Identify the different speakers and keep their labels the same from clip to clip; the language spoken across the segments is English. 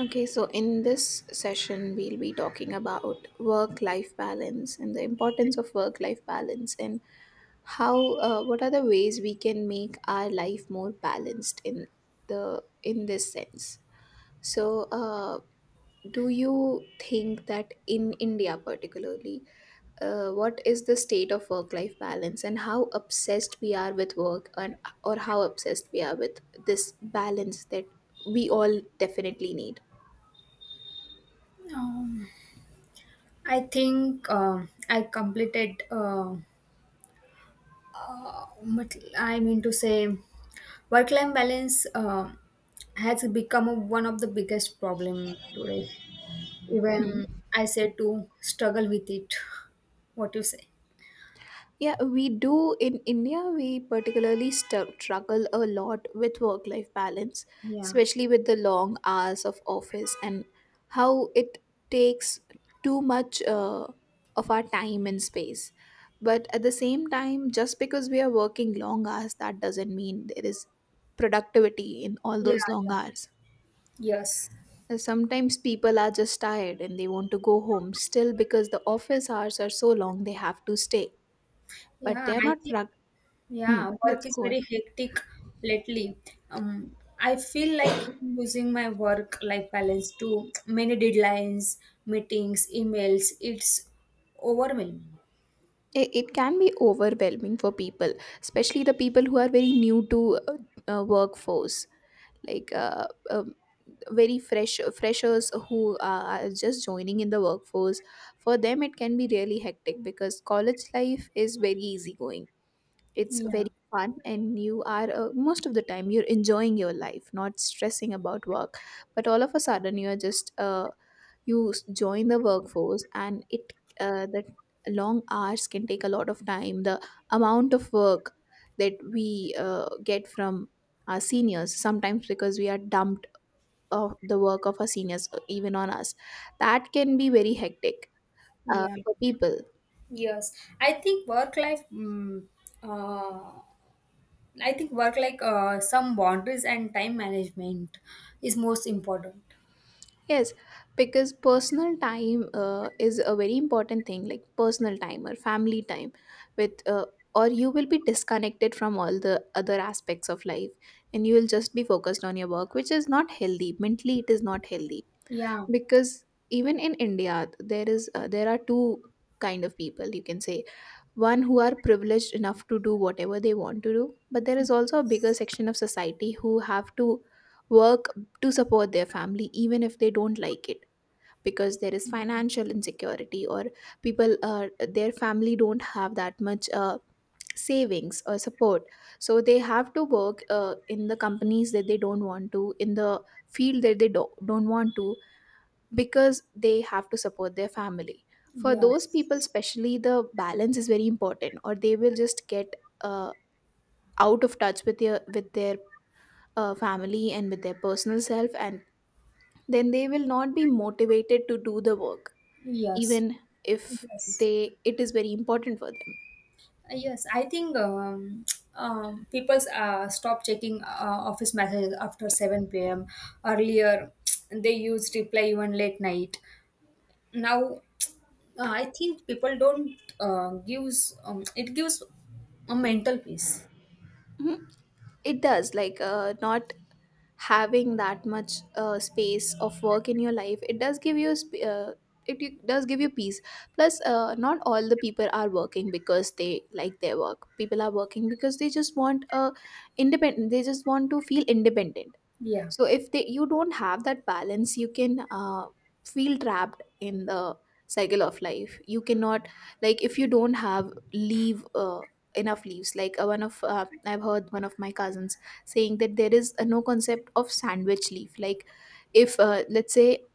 Speaker 1: Okay, so in this session, we'll be talking about work life balance and the importance of work life balance and how what are the ways we can make our life more balanced in the in this sense. So, do you think that in India particularly, what is the state of work life balance and how obsessed we are with work and or how obsessed we are with this balance that we all definitely need?
Speaker 2: Um, I think I completed. But I mean to say, work-life balance has become one of the biggest problem today. Even I said to struggle with it. What you say?
Speaker 1: Yeah, we do. In India, we particularly struggle a lot with work life balance,
Speaker 2: Yeah.
Speaker 1: especially with the long hours of office and how it takes too much of our time and space. But at the same time, just because we are working long hours, that doesn't mean there is productivity in all
Speaker 2: Yeah.
Speaker 1: those long
Speaker 2: Yeah.
Speaker 1: hours.
Speaker 2: Yes.
Speaker 1: And sometimes people are just tired and they want to go home still because the office hours are so long, they have to stay but they
Speaker 2: Yeah.
Speaker 1: are
Speaker 2: I
Speaker 1: not.
Speaker 2: think.
Speaker 1: Hmm,
Speaker 2: Yeah,
Speaker 1: let's
Speaker 2: work is
Speaker 1: go ahead.
Speaker 2: very hectic lately. I feel like using my work-life balance to many deadlines, meetings, emails. It's overwhelming.
Speaker 1: It can be overwhelming for people, especially the people who are very new to workforce, like very fresh freshers who are just joining in the workforce. For them, it can be really hectic because college life is very easygoing. It's
Speaker 2: Yeah,
Speaker 1: very fun, and you are most of the time you're enjoying your life, not stressing about work. But all of a sudden, you are just join the workforce, and it the long hours can take a lot of time. The amount of work that we get from our seniors, sometimes because we are dumped of the work of our seniors even on us, that can be very hectic
Speaker 2: yeah,
Speaker 1: for people.
Speaker 2: yes. I think work-life. uh, I think work like some boundaries and time management is most important.
Speaker 1: Yes, because personal time is a very important thing, like personal time or family time, with or you will be disconnected from all the other aspects of life, and you will just be focused on your work, which is not healthy. Mentally, it is not healthy
Speaker 2: Yeah.
Speaker 1: because even in India, there are two kind of people you can say. One who are privileged enough to do whatever they want to do, but there is also a bigger section of society who have to work to support their family even if they don't like it because there is financial insecurity or people, their family don't have that much savings or support, so they have to work in the companies that they don't want to, in the field that they don't want to, because they have to support their family. For those people
Speaker 2: Yes.
Speaker 1: especially, the balance is very important, or they will just get uh, out of touch with their with their family and with their personal self, and then they will not be motivated to do the work
Speaker 2: Yes.
Speaker 1: even if
Speaker 2: Yes.
Speaker 1: they it is very important for them.
Speaker 2: Yes, I think people stop checking office messages after 7 p.m. Earlier, they used reply even late night. Now, I think people don't gives it gives a mental peace.
Speaker 1: Mhm. It does, like not having that much space of work in your life, it does give you does give you peace. Plus not all the people are working because they like their work. People are working because they just want a independent they just want to feel independent.
Speaker 2: Yeah,
Speaker 1: So if they you don't have that balance, you can feel trapped in the cycle of life. You cannot, like, if you don't have leave enough leaves, like one of I've heard one of my cousins saying that there is a no concept of sandwich leaf. Like, if let's say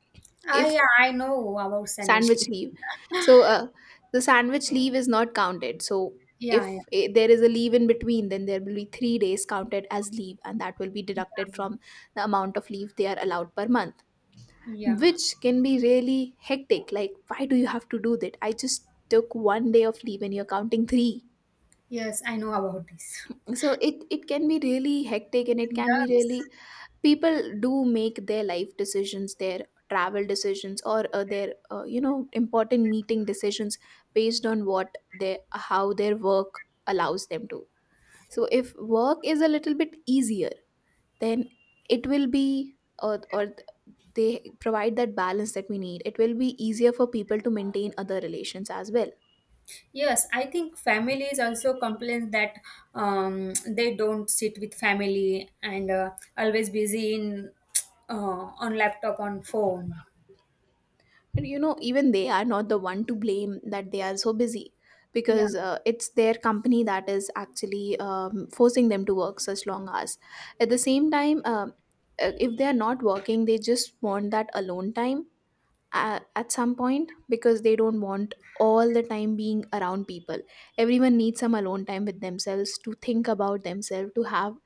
Speaker 1: if
Speaker 2: I know about sandwich.
Speaker 1: sandwich leave. So the sandwich leave is not counted. So if
Speaker 2: Yeah, yeah,
Speaker 1: there is a leave in between, then there will be 3 days counted as leave, and that will be deducted from the amount of leave they are allowed per month,
Speaker 2: yeah, yeah.
Speaker 1: which can be really hectic. Like, why do you have to do that? I just took one day of leave and you're counting three.
Speaker 2: Yes, I know about this.
Speaker 1: So it can be really hectic and it can be
Speaker 2: Yes.
Speaker 1: really, people do make their life decisions, their travel decisions, or their important meeting decisions based on what their, how their work allows them to. So if work is a little bit easier, then it will be, or they provide that balance that we need, it will be easier for people to maintain other relations as well.
Speaker 2: Yes, I think families also complain that they don't sit with family and always busy in uh, on laptop on phone.
Speaker 1: And you know, even they are not the one to blame that they are so busy,
Speaker 2: Yeah.
Speaker 1: because it's their company that is actually forcing them to work such long hours. At the same time, if they are not working, they just want that alone time at some point, because they don't want all the time being around people. Everyone needs some alone time with themselves to think about themselves, to have,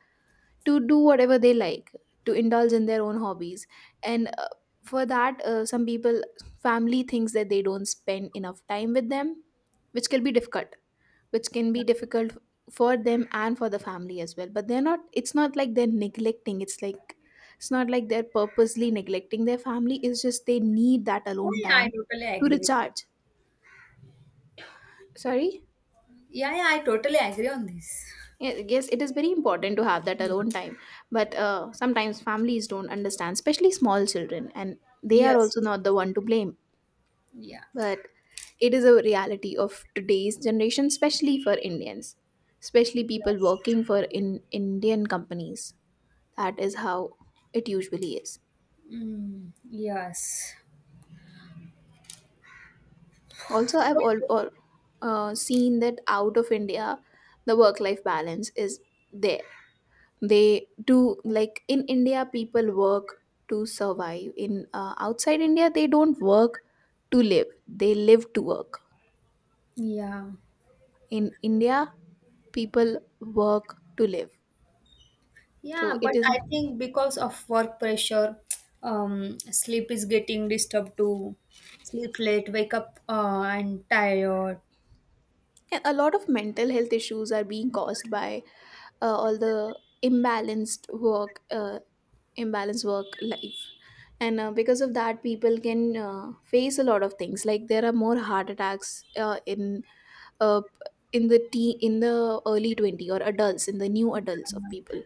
Speaker 1: to do whatever they like, to indulge in their own hobbies, and for that some people, family thinks that they don't spend enough time with them, which can be difficult, which can be difficult for them and for the family as well. But they're not, it's not like they're neglecting, it's like it's not like they're purposely neglecting their family, it's just they need that
Speaker 2: Yeah,
Speaker 1: alone
Speaker 2: yeah, I
Speaker 1: time
Speaker 2: totally
Speaker 1: to
Speaker 2: agree with you.
Speaker 1: recharge. Sorry.
Speaker 2: Yeah, yeah, I totally agree on this.
Speaker 1: Yes, it is very important to have that
Speaker 2: Yeah.
Speaker 1: alone time, but sometimes families don't understand, especially small children, and they are
Speaker 2: Yes,
Speaker 1: also not the one to blame.
Speaker 2: yeah,
Speaker 1: But it is a reality of today's generation, especially for indians, especially people
Speaker 2: yes,
Speaker 1: working for in indian companies. That is how it usually is.
Speaker 2: mm, yes.
Speaker 1: Also
Speaker 2: So,
Speaker 1: all seen that out of India, the work life balance is there. They do, like in India people work to survive, in outside India they don't work to live, they live to work.
Speaker 2: yeah.
Speaker 1: In India people work to live. So
Speaker 2: Yeah,
Speaker 1: it
Speaker 2: but
Speaker 1: is,
Speaker 2: I think because of work pressure, sleep is getting disturbed too. Sleep late, wake up and tired.
Speaker 1: yeah, a lot of mental health issues are being caused by all the imbalanced work uh, imbalance work life. And because of that, people can face a lot of things, like there are more heart attacks uh, in the in the early 20 or adults in the new adults of people.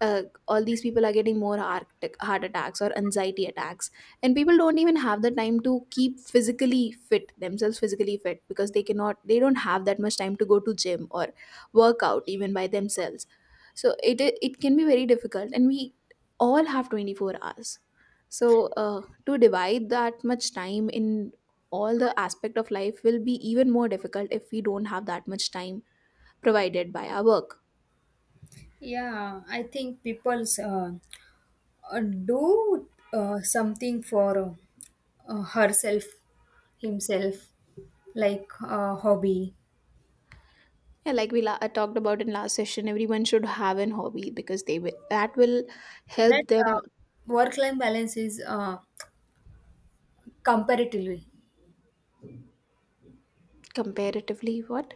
Speaker 1: uh, all these people are getting more heart attacks or anxiety attacks, and people don't even have the time to keep physically fit themselves physically fit, because they cannot, they don't have that much time to go to gym or work out even by themselves. So it can be very difficult, and we all have 24 hours, so to divide that much time in all the aspect of life will be even more difficult if we don't have that much time provided by our work.
Speaker 2: Yeah, I think people's do something for herself, himself, like hobby.
Speaker 1: Yeah, like I talked about in last session, everyone should have an hobby because they will that will
Speaker 2: That
Speaker 1: help them.
Speaker 2: work-life balance is comparatively.
Speaker 1: Comparatively what?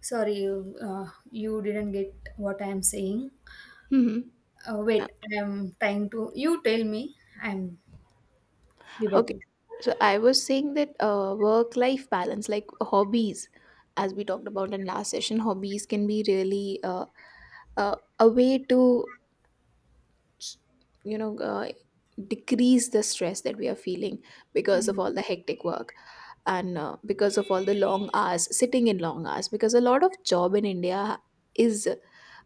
Speaker 2: Sorry, you didn't get what I am saying.
Speaker 1: Hmm.
Speaker 2: Wait, I'm trying to. You tell me. I'm
Speaker 1: Okay,
Speaker 2: rebutted.
Speaker 1: so I was saying that work life balance, like hobbies, as we talked about in last session, hobbies can be really a way to, you know, decrease the stress that we are feeling because of
Speaker 2: Yeah,
Speaker 1: all the hectic work. And because of all the long hours, sitting in long hours, because a lot of job in India is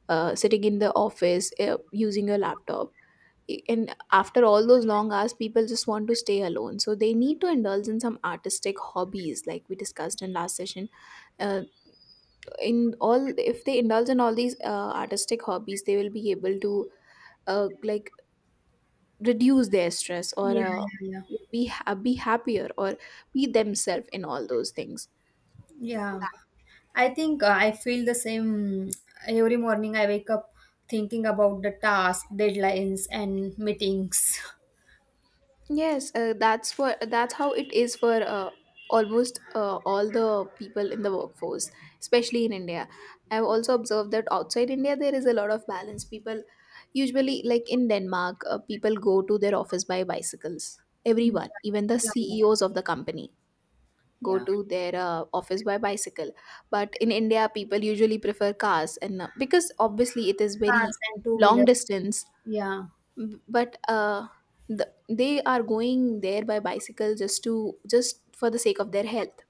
Speaker 1: sitting in the office using your laptop. And after all those long hours, people just want to stay alone, so they need to indulge in some artistic hobbies, like we discussed in last session. Uh, in all If they indulge in all these artistic hobbies, they will be able to like reduce their stress, or
Speaker 2: yeah, yeah, yeah.
Speaker 1: be happier, or be themselves in all those things.
Speaker 2: Yeah. I think I feel the same every morning. I wake up thinking about the task, deadlines, and meetings.
Speaker 1: Yes, that's for that's how it is for almost all the people in the workforce, especially in India. I've also observed that outside India there is a lot of balance. People usually, like in Denmark, people go to their office by bicycles,
Speaker 2: Yeah,
Speaker 1: everyone, even the
Speaker 2: yeah, yeah.
Speaker 1: ceos of the company, go
Speaker 2: Yeah.
Speaker 1: to their office by bicycle. But in India, people usually prefer cars and because obviously it is very
Speaker 2: Cars and two
Speaker 1: long
Speaker 2: wheelers.
Speaker 1: distance.
Speaker 2: Yeah,
Speaker 1: But they are going there by bicycle just to, just for the sake of their health.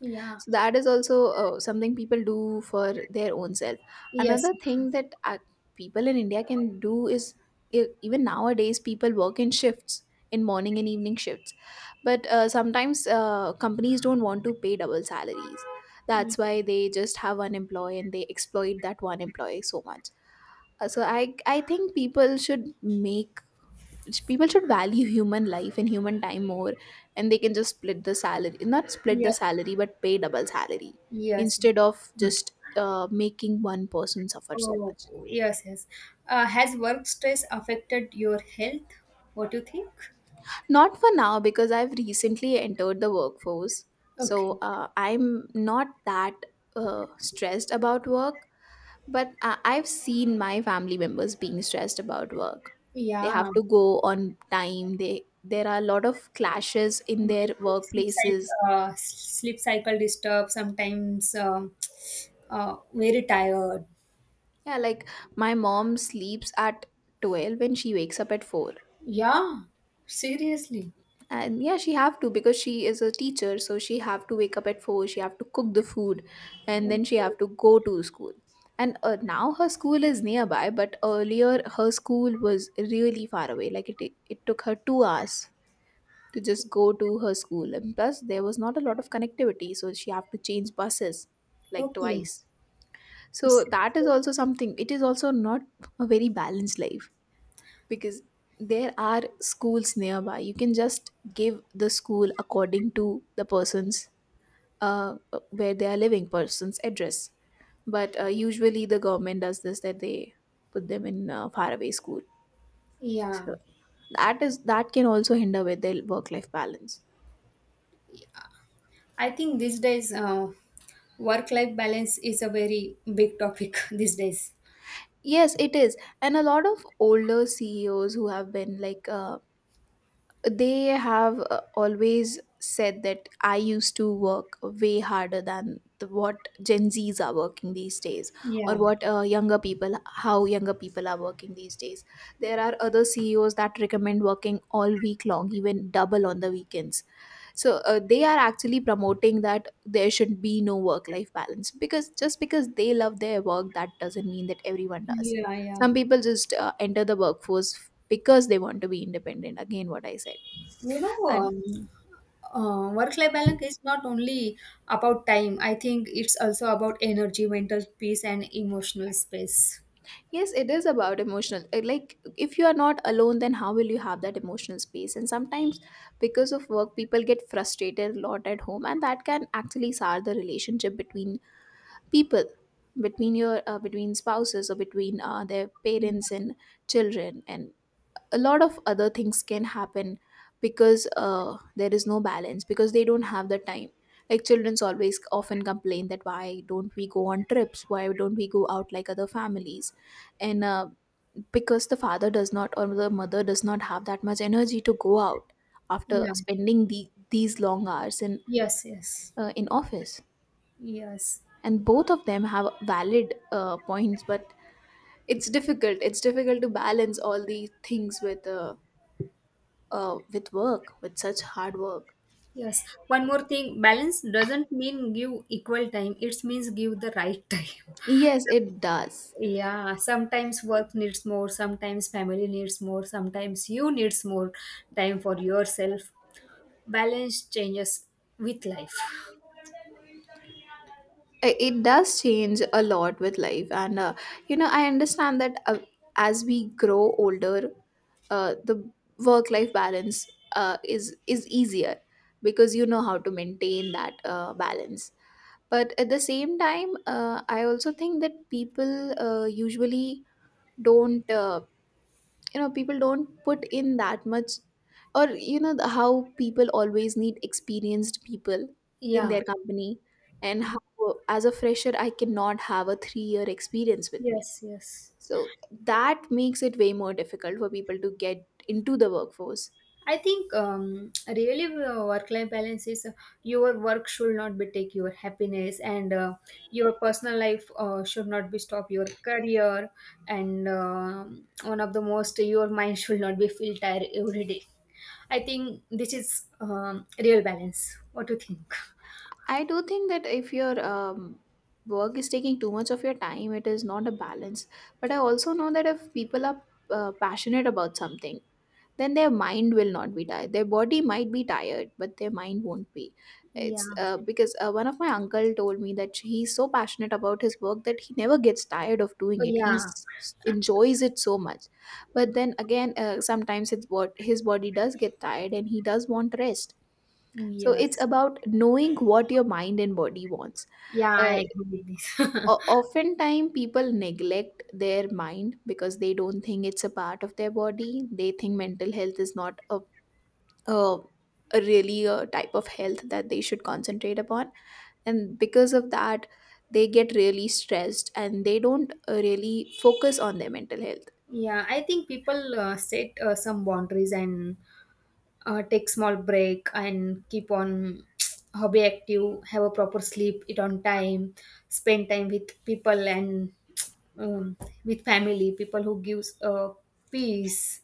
Speaker 2: yeah.
Speaker 1: So that is also something people do for their own self.
Speaker 2: Yes,
Speaker 1: Another
Speaker 2: yes,
Speaker 1: thing
Speaker 2: yes.
Speaker 1: that people in India can do is, even nowadays people work in shifts, in morning and evening shifts, but sometimes companies don't want to pay double salaries.
Speaker 2: Ye-
Speaker 1: That's why they just have one employee and they exploit that one employee so much. So I think people should make, people should value human life and human time more, and they can just split the salary, not split the
Speaker 2: yes,
Speaker 1: salary but pay double salary
Speaker 2: yes.
Speaker 1: instead of
Speaker 2: Yes.
Speaker 1: just making one person suffer so
Speaker 2: Oh,
Speaker 1: much.
Speaker 2: yes, yes. Has work stress affected your health? What do you think?
Speaker 1: Not for now, because I've recently entered the workforce. So
Speaker 2: Okay.
Speaker 1: I'm not that stressed about work, but I've seen my family members being stressed about work. They
Speaker 2: Yeah.
Speaker 1: have to go on time. They There are a lot of clashes in
Speaker 2: Maybe
Speaker 1: their
Speaker 2: sleep cycle,
Speaker 1: workplaces.
Speaker 2: sleep cycle disturbed, sometimes very tired.
Speaker 1: Yeah, like my mom sleeps at 12 and she wakes up at 4.
Speaker 2: Yeah, seriously.
Speaker 1: And yeah, she have to because she is a teacher, so she have to wake up at 4, she have to cook the food and
Speaker 2: Okay.
Speaker 1: then she have to go to school. And now her school is nearby, but earlier her school was really far away. Like it took her 2 hours to just go to her school. And plus there was not a lot of connectivity, so she have to change buses like
Speaker 2: Okay.
Speaker 1: twice. So
Speaker 2: It's-
Speaker 1: that is also something. It is also not a very balanced life because there are schools nearby. You can just give the school according to the person's uh, where they are living, person's address, but usually the government does this that they put them in a faraway school,
Speaker 2: yeah.
Speaker 1: so that is, that can also hinder with their work life balance.
Speaker 2: I think these days work life balance is a very big topic these days.
Speaker 1: Yes, it is. And a lot of older ceos who have been like they have always said that I used to work way harder than the, what gen z's are working these days, or
Speaker 2: Yeah.
Speaker 1: what younger people, how younger people are working these days. There are other ceos that recommend working all week long, even double on the weekends. So they are actually promoting that there should be no work life balance, because just because they love their work, that doesn't mean that everyone does.
Speaker 2: Yeah, yeah.
Speaker 1: Some people just enter the workforce because they want to be independent, again what I said.
Speaker 2: You know,
Speaker 1: And
Speaker 2: work-life balance is not only about time. I think it's also about energy, mental peace, and emotional space.
Speaker 1: yes, it is about emotional like if you are not alone, then how will you have that emotional space? And sometimes because of work, people get frustrated a lot at home, and that can actually sour the relationship between people, between your between spouses, or between their
Speaker 2: Yeah.
Speaker 1: parents and children, and a lot of other things can happen because there is no balance, because they don't have the time. Like children's always often complain that why don't we go on trips, why don't we go out like other families. And because the father does not or the mother does not have that much energy to go out after
Speaker 2: Yeah.
Speaker 1: spending the, these long hours
Speaker 2: Yes. Yes.
Speaker 1: in office.
Speaker 2: Yes.
Speaker 1: And both of them have valid points, but it's difficult, it's difficult to balance all these things with work, with such hard work.
Speaker 2: Yes. One more thing, balance doesn't mean give equal time. It means give the right time.
Speaker 1: Yes, it does.
Speaker 2: Yeah, sometimes work needs more, sometimes family needs more, sometimes you needs more time for yourself. Balance changes with life.
Speaker 1: It does change a lot with life. And, you know, I understand that as we grow older, the work life balance is easier because you know how to maintain that balance. But at the same time, I also think that people usually don't. You know, people don't put in that much, or you know how people always need experienced people in
Speaker 2: Yeah.
Speaker 1: their company. And how, as a fresher, I cannot have a 3-year experience with me,
Speaker 2: Yes, yes.
Speaker 1: so that makes it way more difficult for people to get into the workforce.
Speaker 2: I think really work life balance is your work should not be take your happiness and your personal life should not be stop your career and one of the most your mind should not be feel tired every day. I think this is real balance. What do you think?
Speaker 1: I do think that if your work is taking too much of your time, it is not a balance. But I also know that if people are passionate about something, then their mind will not be tired. Their body might be tired, but their mind won't be.
Speaker 2: Yeah.
Speaker 1: It's because one of my uncle told me that he's so passionate about his work that he never gets tired of doing
Speaker 2: Oh,
Speaker 1: it. He
Speaker 2: yeah.
Speaker 1: enjoys it so much. But then again, sometimes it's what, his body does get tired and he does want rest. So it's
Speaker 2: Yes.
Speaker 1: about knowing what your mind and body wants.
Speaker 2: Yeah,
Speaker 1: uh,
Speaker 2: I agree with this.
Speaker 1: Oftentimes people neglect their mind because they don't think it's a part of their body. They think mental health is not a uh, really a type of health that they should concentrate upon, and because of that they get really stressed and they don't really focus on their mental health.
Speaker 2: Yeah, I think people set some boundaries and take small break and keep on hobby active have a proper sleep eat on time spend time with people and um, with family people who gives peace,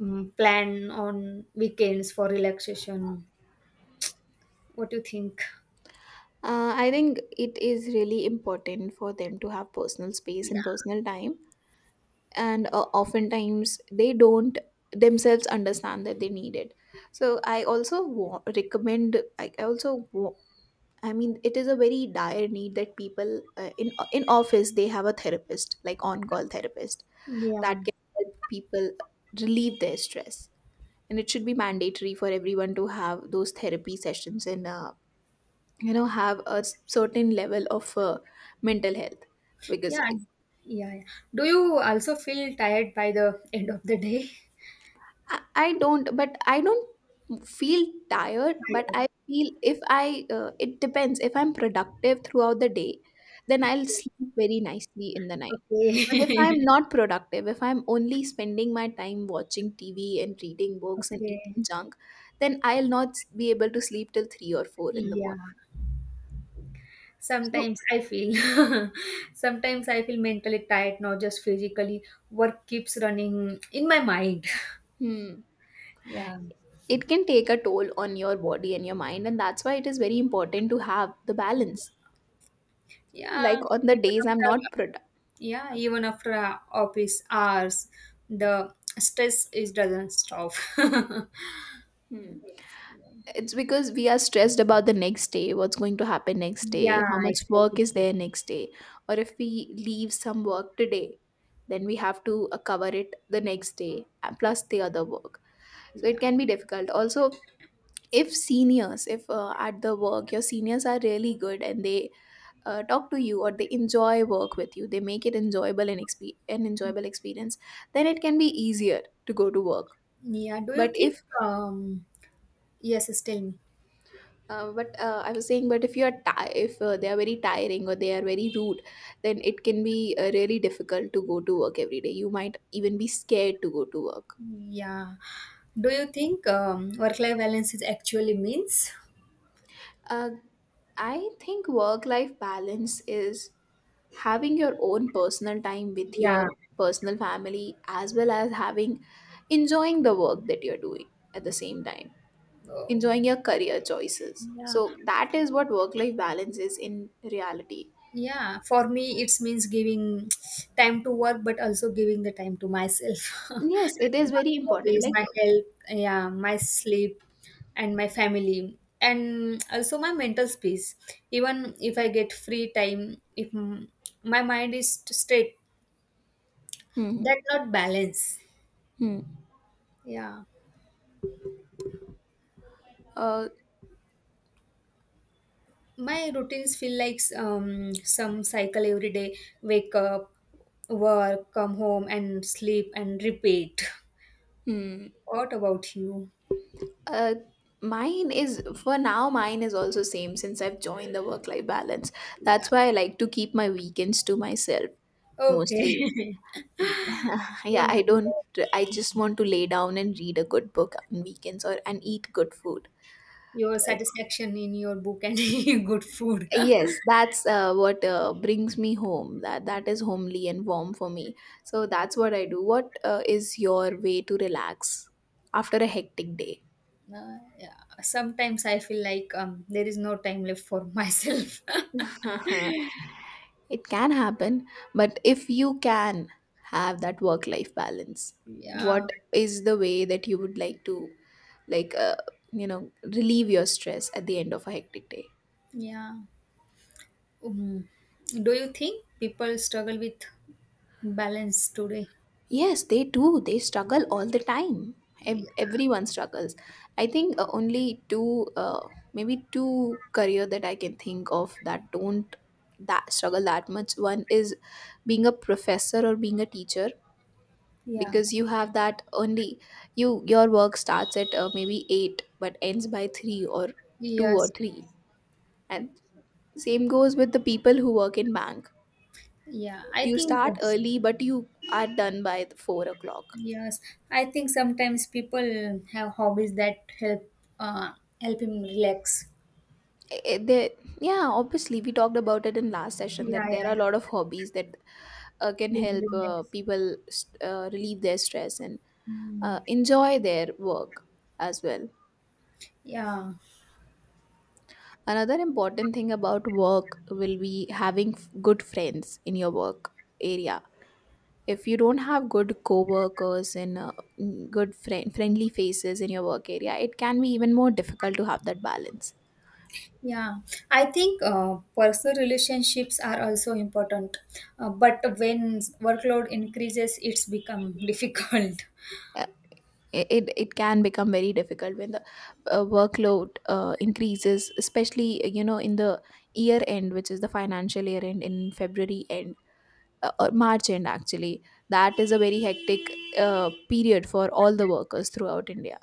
Speaker 2: plan on weekends for relaxation. What do you think?
Speaker 1: I think it is really important for them to have personal space
Speaker 2: Yeah.
Speaker 1: and personal time, and oftentimes they don't themselves understand that they need it. So I also wa- recommend I also wa- I mean it is a very dire need that people in office, they have a therapist, like on call therapist,
Speaker 2: Yeah
Speaker 1: that
Speaker 2: and-
Speaker 1: can help people relieve their stress. And it should be mandatory for everyone to have those therapy sessions, and you know, have a certain level of mental health, because
Speaker 2: yeah.
Speaker 1: it,
Speaker 2: Yeah. Do you also feel tired by the end of the day?
Speaker 1: I don't, but I don't feel tired, but
Speaker 2: Tired.
Speaker 1: I feel if I it depends, if I'm productive throughout the day, then I'll sleep very nicely in the night. But if
Speaker 2: Okay.
Speaker 1: I'm not productive, if I'm only spending my time watching TV and reading books and
Speaker 2: Okay.
Speaker 1: eating junk, then I'll not be able to sleep till 3 or 4 in the
Speaker 2: Yeah.
Speaker 1: morning. So,
Speaker 2: Sometimes I feel, sometimes I feel mentally tired, not just physically. Work keeps running in my mind.
Speaker 1: hmm,
Speaker 2: Yeah,
Speaker 1: it can take a toll on your body and your mind. And that's why it is very important to have the balance. Like
Speaker 2: yeah.
Speaker 1: on the
Speaker 2: Even
Speaker 1: days I'm not
Speaker 2: after,
Speaker 1: productive.
Speaker 2: yeah, even after office hours, the stress is doesn't stop.
Speaker 1: Hmm. It's because we are stressed about the next day, what's going to happen next day, how
Speaker 2: Yeah,
Speaker 1: much work
Speaker 2: exactly.
Speaker 1: is there next day. Or if we leave some work today, then we have to cover it the next day, plus the other work. So it
Speaker 2: Yeah,
Speaker 1: can be difficult. Also, if seniors, if at the work, your seniors are really good and they talk to you or they enjoy work with you, they make it enjoyable and an enjoyable experience, then it can be easier to go to work.
Speaker 2: yeah. Do you
Speaker 1: But
Speaker 2: think?
Speaker 1: if
Speaker 2: Yes, yes, tell me.
Speaker 1: But I was saying, but if you are ti- if they are very tiring or they are very rude, then it can be really difficult to go to work every day. You might even be scared to go to work.
Speaker 2: Yeah. Do you think work-life balance is actually means?
Speaker 1: Uh, I think work-life balance is having your own personal time with your
Speaker 2: Yeah.
Speaker 1: personal family, as well as having, enjoying the work that you're doing at the same time,
Speaker 2: Oh.
Speaker 1: enjoying your career choices.
Speaker 2: Yeah.
Speaker 1: So that is what work-life balance is in reality.
Speaker 2: Yeah, for me, it means giving time to work, but also giving the time to myself,
Speaker 1: Yes, it is
Speaker 2: my
Speaker 1: very important.
Speaker 2: hobbies, my
Speaker 1: Like.
Speaker 2: health, yeah, my sleep, and my family, and also my mental space. Even if I get free time, if m- my mind is t- straight,
Speaker 1: Hmm.
Speaker 2: that not balance.
Speaker 1: Hmm.
Speaker 2: Yeah,
Speaker 1: Uh,
Speaker 2: my routines feel like some cycle every day: wake up, work, come home, and sleep, and repeat.
Speaker 1: hmm.
Speaker 2: What about you?
Speaker 1: Uh, Mine is for now. Mine is also same since I've joined the work life balance. That's
Speaker 2: Yeah.
Speaker 1: why I like to keep my weekends to myself
Speaker 2: Okay.
Speaker 1: mostly. yeah,
Speaker 2: Don't
Speaker 1: I
Speaker 2: do
Speaker 1: don't. I just want to lay down and read a good book on weekends or and eat good food.
Speaker 2: your satisfaction in your book and good food.
Speaker 1: Yes, that's what brings me home. That is homely and warm for me. So that's what I do. What is your way to relax after a hectic
Speaker 2: Yeah. Sometimes I feel like there is no time left for myself.
Speaker 1: day? It can happen, but if you can have that work life balance,
Speaker 2: Yeah.
Speaker 1: what is the way that you would like to, like uh, you know, relieve your stress at the end of a hectic day?
Speaker 2: Yeah. Um, do you think people struggle with balance today?
Speaker 1: Yes, they do. They struggle all the time. Everyone struggles. I think only two maybe two career that I can think of that don't, that struggle that much. One is being a professor or being a teacher,
Speaker 2: Yeah.
Speaker 1: because you have that only you, your work starts at maybe 8 but ends by 3 or 2 or
Speaker 2: Yes.
Speaker 1: 3. And same goes with the people who work in bank.
Speaker 2: Yeah. I
Speaker 1: You
Speaker 2: think
Speaker 1: start
Speaker 2: yes.
Speaker 1: early, but you are done by the 4 o'clock.
Speaker 2: Yes, I think sometimes people have hobbies that help uh, help him relax.
Speaker 1: Eh, eh, there, yeah, obviously we talked about it in last
Speaker 2: Yeah,
Speaker 1: session that
Speaker 2: yeah,
Speaker 1: there are
Speaker 2: yeah.
Speaker 1: a lot of hobbies that can
Speaker 2: Help
Speaker 1: help
Speaker 2: relax.
Speaker 1: people relieve their stress and
Speaker 2: Mm.
Speaker 1: enjoy their work as well.
Speaker 2: Yeah,
Speaker 1: Another important thing about work will be having good friends in your work area. If you don't have good co-workers and good friendly faces in your work area, it can be even more difficult to have that balance.
Speaker 2: yeah. I think personal relationships are also important, but when workload increases, it's become difficult.
Speaker 1: Uh, it can become very difficult when the workload increases, especially you know, in the year end, which is the financial year end in February end, March end actually. That is a very hectic period for all the workers throughout India.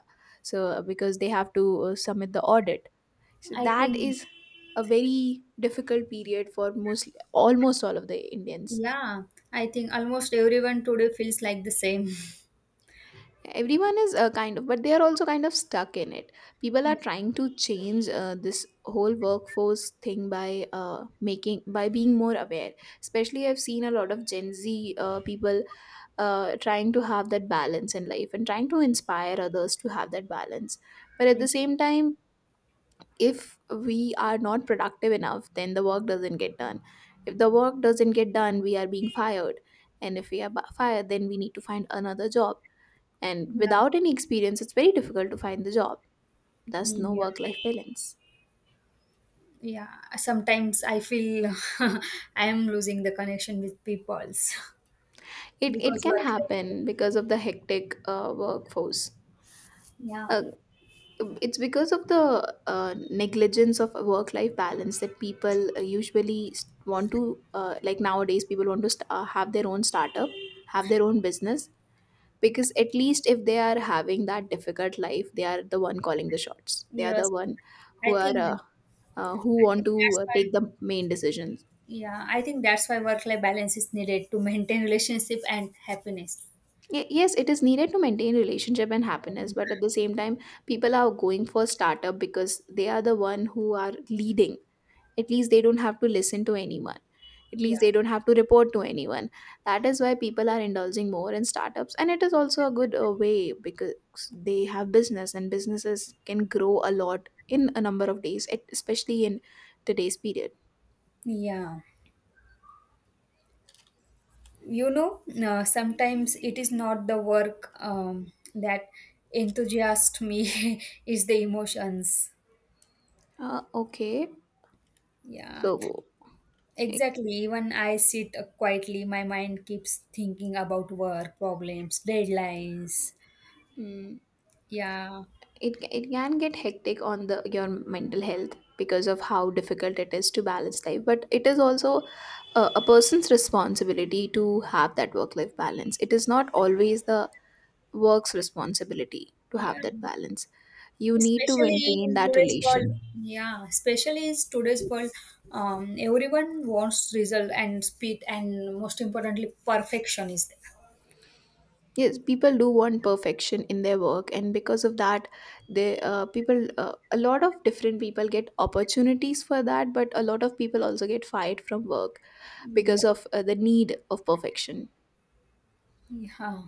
Speaker 1: So because they have to submit the audit, so
Speaker 2: I
Speaker 1: that
Speaker 2: think,
Speaker 1: is a very difficult period for most almost all of the Indians.
Speaker 2: yeah, I think almost everyone today feels like the same.
Speaker 1: Everyone is kind of, but they are also kind of stuck in it. People are trying to change this whole workforce thing by making, by being more aware. Especially, I've seen a lot of Gen Z people trying to have that balance in life and trying to inspire others to have that balance. But at
Speaker 2: Yeah,
Speaker 1: the same time, if we are not productive enough, then the work doesn't get done. If the work doesn't get done, we are being fired. And if we are fired, then we need to find another job. And
Speaker 2: yeah,
Speaker 1: without any experience, it's very difficult to find the job. Thus, no
Speaker 2: yeah.
Speaker 1: work life balance.
Speaker 2: Yeah, sometimes I feel I am losing the connection with peoples
Speaker 1: It
Speaker 2: because
Speaker 1: can
Speaker 2: work life.
Speaker 1: happen because of the hectic workforce.
Speaker 2: Yeah,
Speaker 1: Uh, it's because of the negligence of work life balance that people usually want to like nowadays people want to have their own startup, have their own business, because at least if they are having that difficult life, they are the one calling the shots, they are the
Speaker 2: yes.
Speaker 1: one
Speaker 2: I
Speaker 1: who are
Speaker 2: think
Speaker 1: who
Speaker 2: I think
Speaker 1: want to
Speaker 2: that's why.
Speaker 1: take the main decisions.
Speaker 2: Yeah, I think that's why work life balance is needed to maintain relationship and happiness.
Speaker 1: Yes, it is needed to maintain relationship and happiness, but at the same time people are going for startup because they are the one who are leading. At least they don't have to listen to anyone, at
Speaker 2: Yeah,
Speaker 1: least they don't have to report to anyone. That is why people are indulging more in startups, and it is also a good way because they have business, and businesses can grow a lot in a number of days, especially in today's period.
Speaker 2: yeah. You know, sometimes it is not the work that enthusiasts me; is the emotions.
Speaker 1: Okay,
Speaker 2: Yeah.
Speaker 1: so eh,
Speaker 2: Exactly. Even I sit quietly, my mind keeps thinking about work, problems, deadlines.
Speaker 1: mm,
Speaker 2: Yeah.
Speaker 1: it can get hectic on the your mental health because of how difficult it is to balance life, but it is also a person's responsibility to have that work life balance. It is not always the work's responsibility to have
Speaker 2: Yeah.
Speaker 1: that balance. You need to
Speaker 2: Especially
Speaker 1: maintain
Speaker 2: in
Speaker 1: that
Speaker 2: today's world.
Speaker 1: relation.
Speaker 2: Yeah. Especially in today's world, everyone wants result and speed, and most importantly, perfection is there.
Speaker 1: Yes, people do want perfection in their work, and because of that they people a lot of different people get opportunities for that, but a lot of people also get fired from work
Speaker 2: Yeah.
Speaker 1: because of the need of perfection.
Speaker 2: Yeah.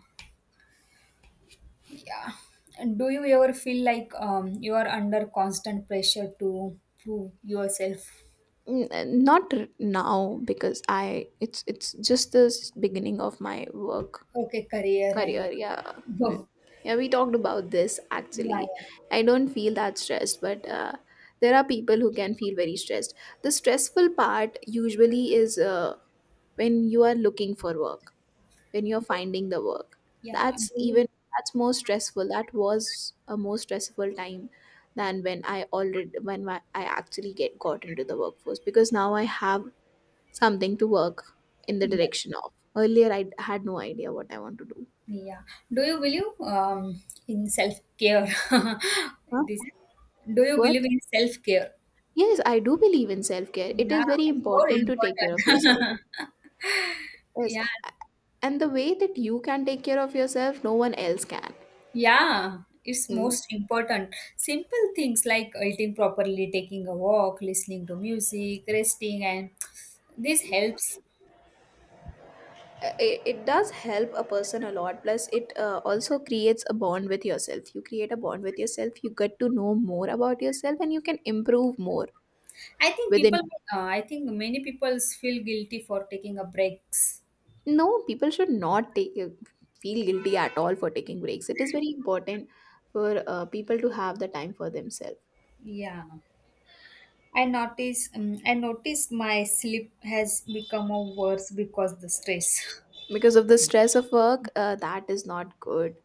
Speaker 2: Yeah. And do you ever feel like you are under constant pressure to prove yourself?
Speaker 1: Not now, because I it's just the beginning of my work.
Speaker 2: Okay, career and
Speaker 1: Career, yeah. We,
Speaker 2: work.
Speaker 1: yeah, we talked about this
Speaker 2: Yeah, yeah.
Speaker 1: actually. I don't feel that stressed, but there are people who can feel very stressed. The stressful part usually is when you are looking for work, when you're finding the work.
Speaker 2: Yeah.
Speaker 1: That's
Speaker 2: Do you?
Speaker 1: even that's more stressful. That was a more stressful time than I actually get got into the workforce, because now I have something to work in the
Speaker 2: Yes.
Speaker 1: direction of. Earlier, I had no idea what I want to do.
Speaker 2: Yeah. Do you believe in self care?
Speaker 1: Huh?
Speaker 2: This. Do you believe
Speaker 1: What?
Speaker 2: in self care?
Speaker 1: Yes, I do believe in self care. It is
Speaker 2: Yeah,
Speaker 1: very
Speaker 2: it's more
Speaker 1: important to take care of yourself.
Speaker 2: important.
Speaker 1: Yes.
Speaker 2: Yeah.
Speaker 1: a- And the way that you can take care of yourself, no one else can.
Speaker 2: Yeah, it's
Speaker 1: Mm.
Speaker 2: most important. Simple things like eating properly, taking a walk, listening to music, resting, and this helps.
Speaker 1: It does help a person a lot. Plus, it also creates a bond with yourself. You create a bond with yourself, you get to know more about yourself, and you can improve more
Speaker 2: I think
Speaker 1: within.
Speaker 2: people. I think many people feel guilty for taking a breaks.
Speaker 1: No, people should not take feel guilty at all for taking breaks. It is very important for people to have the time for themselves.
Speaker 2: Yeah. I notice my sleep has become a worse because the stress.
Speaker 1: Because of the stress of work, that is not good,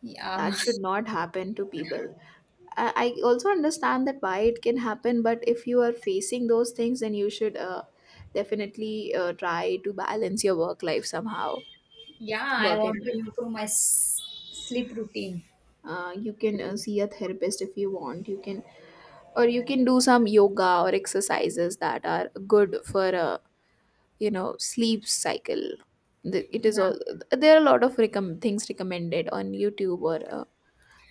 Speaker 2: Yeah,
Speaker 1: that should not happen to people. I also understand that why it can happen, but if you are facing those things, then you should definitely try to balance your work life somehow.
Speaker 2: yeah. I
Speaker 1: Work,
Speaker 2: want
Speaker 1: and
Speaker 2: to improve my s- sleep routine.
Speaker 1: you can see a therapist if you want. You can Or you can do some yoga or exercises that are good for sleep cycle. It is
Speaker 2: Yeah,
Speaker 1: all, there are a lot of things recommended on YouTube or uh,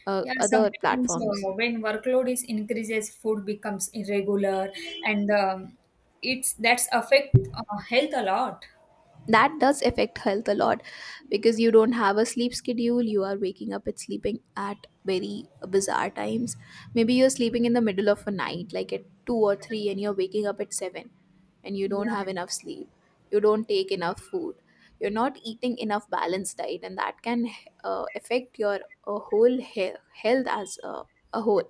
Speaker 1: uh,
Speaker 2: yeah.
Speaker 1: other
Speaker 2: Sometimes
Speaker 1: platforms.
Speaker 2: when workload is increases, food becomes irregular, and it's that's affect health a lot.
Speaker 1: That does affect health a lot, because you don't have a sleep schedule, you are waking up and sleeping at very bizarre times. Maybe you're sleeping in the middle of a night like at 2 or 3, and you're waking up at 7, and you don't
Speaker 2: Yeah,
Speaker 1: have enough sleep, you don't take enough food, you're not eating enough balanced diet, and that can affect your whole health as a whole,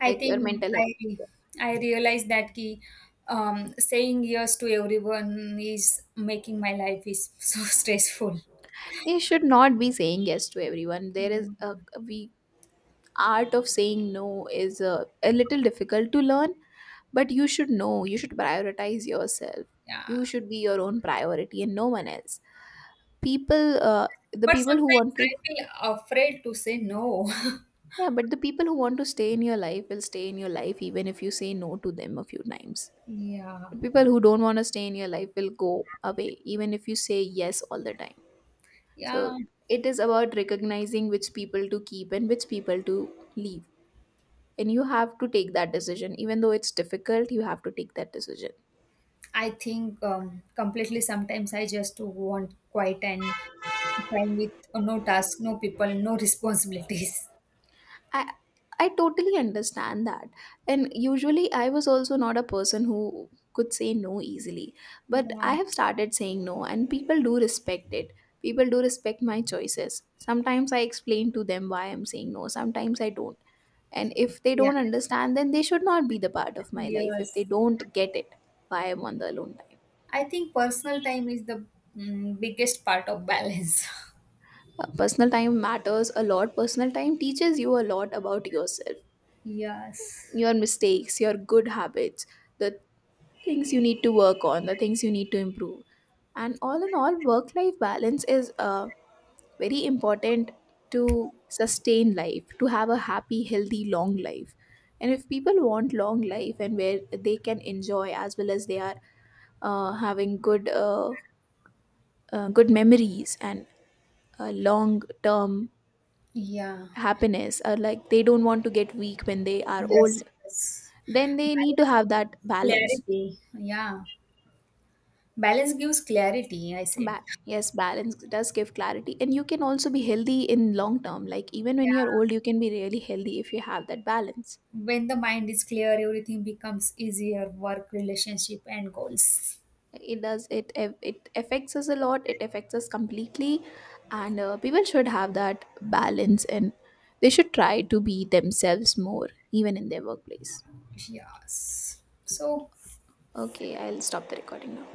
Speaker 2: I
Speaker 1: like your
Speaker 2: think
Speaker 1: mental health.
Speaker 2: I I realize that ki, saying yes to everyone is making my life is so stressful.
Speaker 1: You should not be saying yes to everyone. There is a we Art of saying no is a little difficult to learn, but you should know you should prioritize yourself. You
Speaker 2: Yeah.
Speaker 1: should be your own priority and no one else. People uh, the
Speaker 2: But
Speaker 1: people who
Speaker 2: sometimes
Speaker 1: want
Speaker 2: I
Speaker 1: to.
Speaker 2: feel afraid to say no.
Speaker 1: Yeah, but the people who want to stay in your life will stay in your life even if you say no to them a few times.
Speaker 2: Yeah.
Speaker 1: The people who don't want to stay in your life will go away even if you say yes all the time. So
Speaker 2: Yeah.
Speaker 1: it is about recognizing which people to keep and which people to leave, and you have to take that decision. Even though it's difficult, you have to take that decision.
Speaker 2: I think completely sometimes I just want quiet and time with no task, no people, no responsibilities.
Speaker 1: I i totally understand that, and usually I was also not a person who could say no easily, but
Speaker 2: Yeah.
Speaker 1: I have started saying no and people do respect it. People do respect my choices. Sometimes I explain to them why I'm saying no, sometimes I don't. And if they
Speaker 2: Yeah.
Speaker 1: don't understand, then they should not be the part of my life, if they
Speaker 2: Yes.
Speaker 1: don't get it why I'm on the alone time.
Speaker 2: I think personal time is the mm, biggest part of balance.
Speaker 1: Personal time matters a lot. Personal time teaches you a lot about yourself,
Speaker 2: Yes.
Speaker 1: your mistakes, your good habits, the things you need to work on, the things you need to improve. And all in all, work life balance is very important to sustain life, to have a happy, healthy, long life. And if people want long life, and where they can enjoy as well as they are having good memories and a long term
Speaker 2: Yeah.
Speaker 1: happiness, or like they don't want to get weak when they are old,
Speaker 2: Yes. Yes.
Speaker 1: then they need to
Speaker 2: Balance
Speaker 1: have that
Speaker 2: gives
Speaker 1: balance.
Speaker 2: clarity. Yeah. Balance gives clarity, I say.
Speaker 1: Yes, balance does give clarity, and you can also be healthy in long term, like even when you're old
Speaker 2: Yeah,
Speaker 1: you can be really healthy if you have that balance.
Speaker 2: when the mind is clear, everything becomes easier work, relationship, and goals.
Speaker 1: It affects us a lot, it affects us completely. And people should have that balance, and they should try to be themselves more even in their workplace.
Speaker 2: Yes. So,
Speaker 1: Okay, I'll stop the recording now.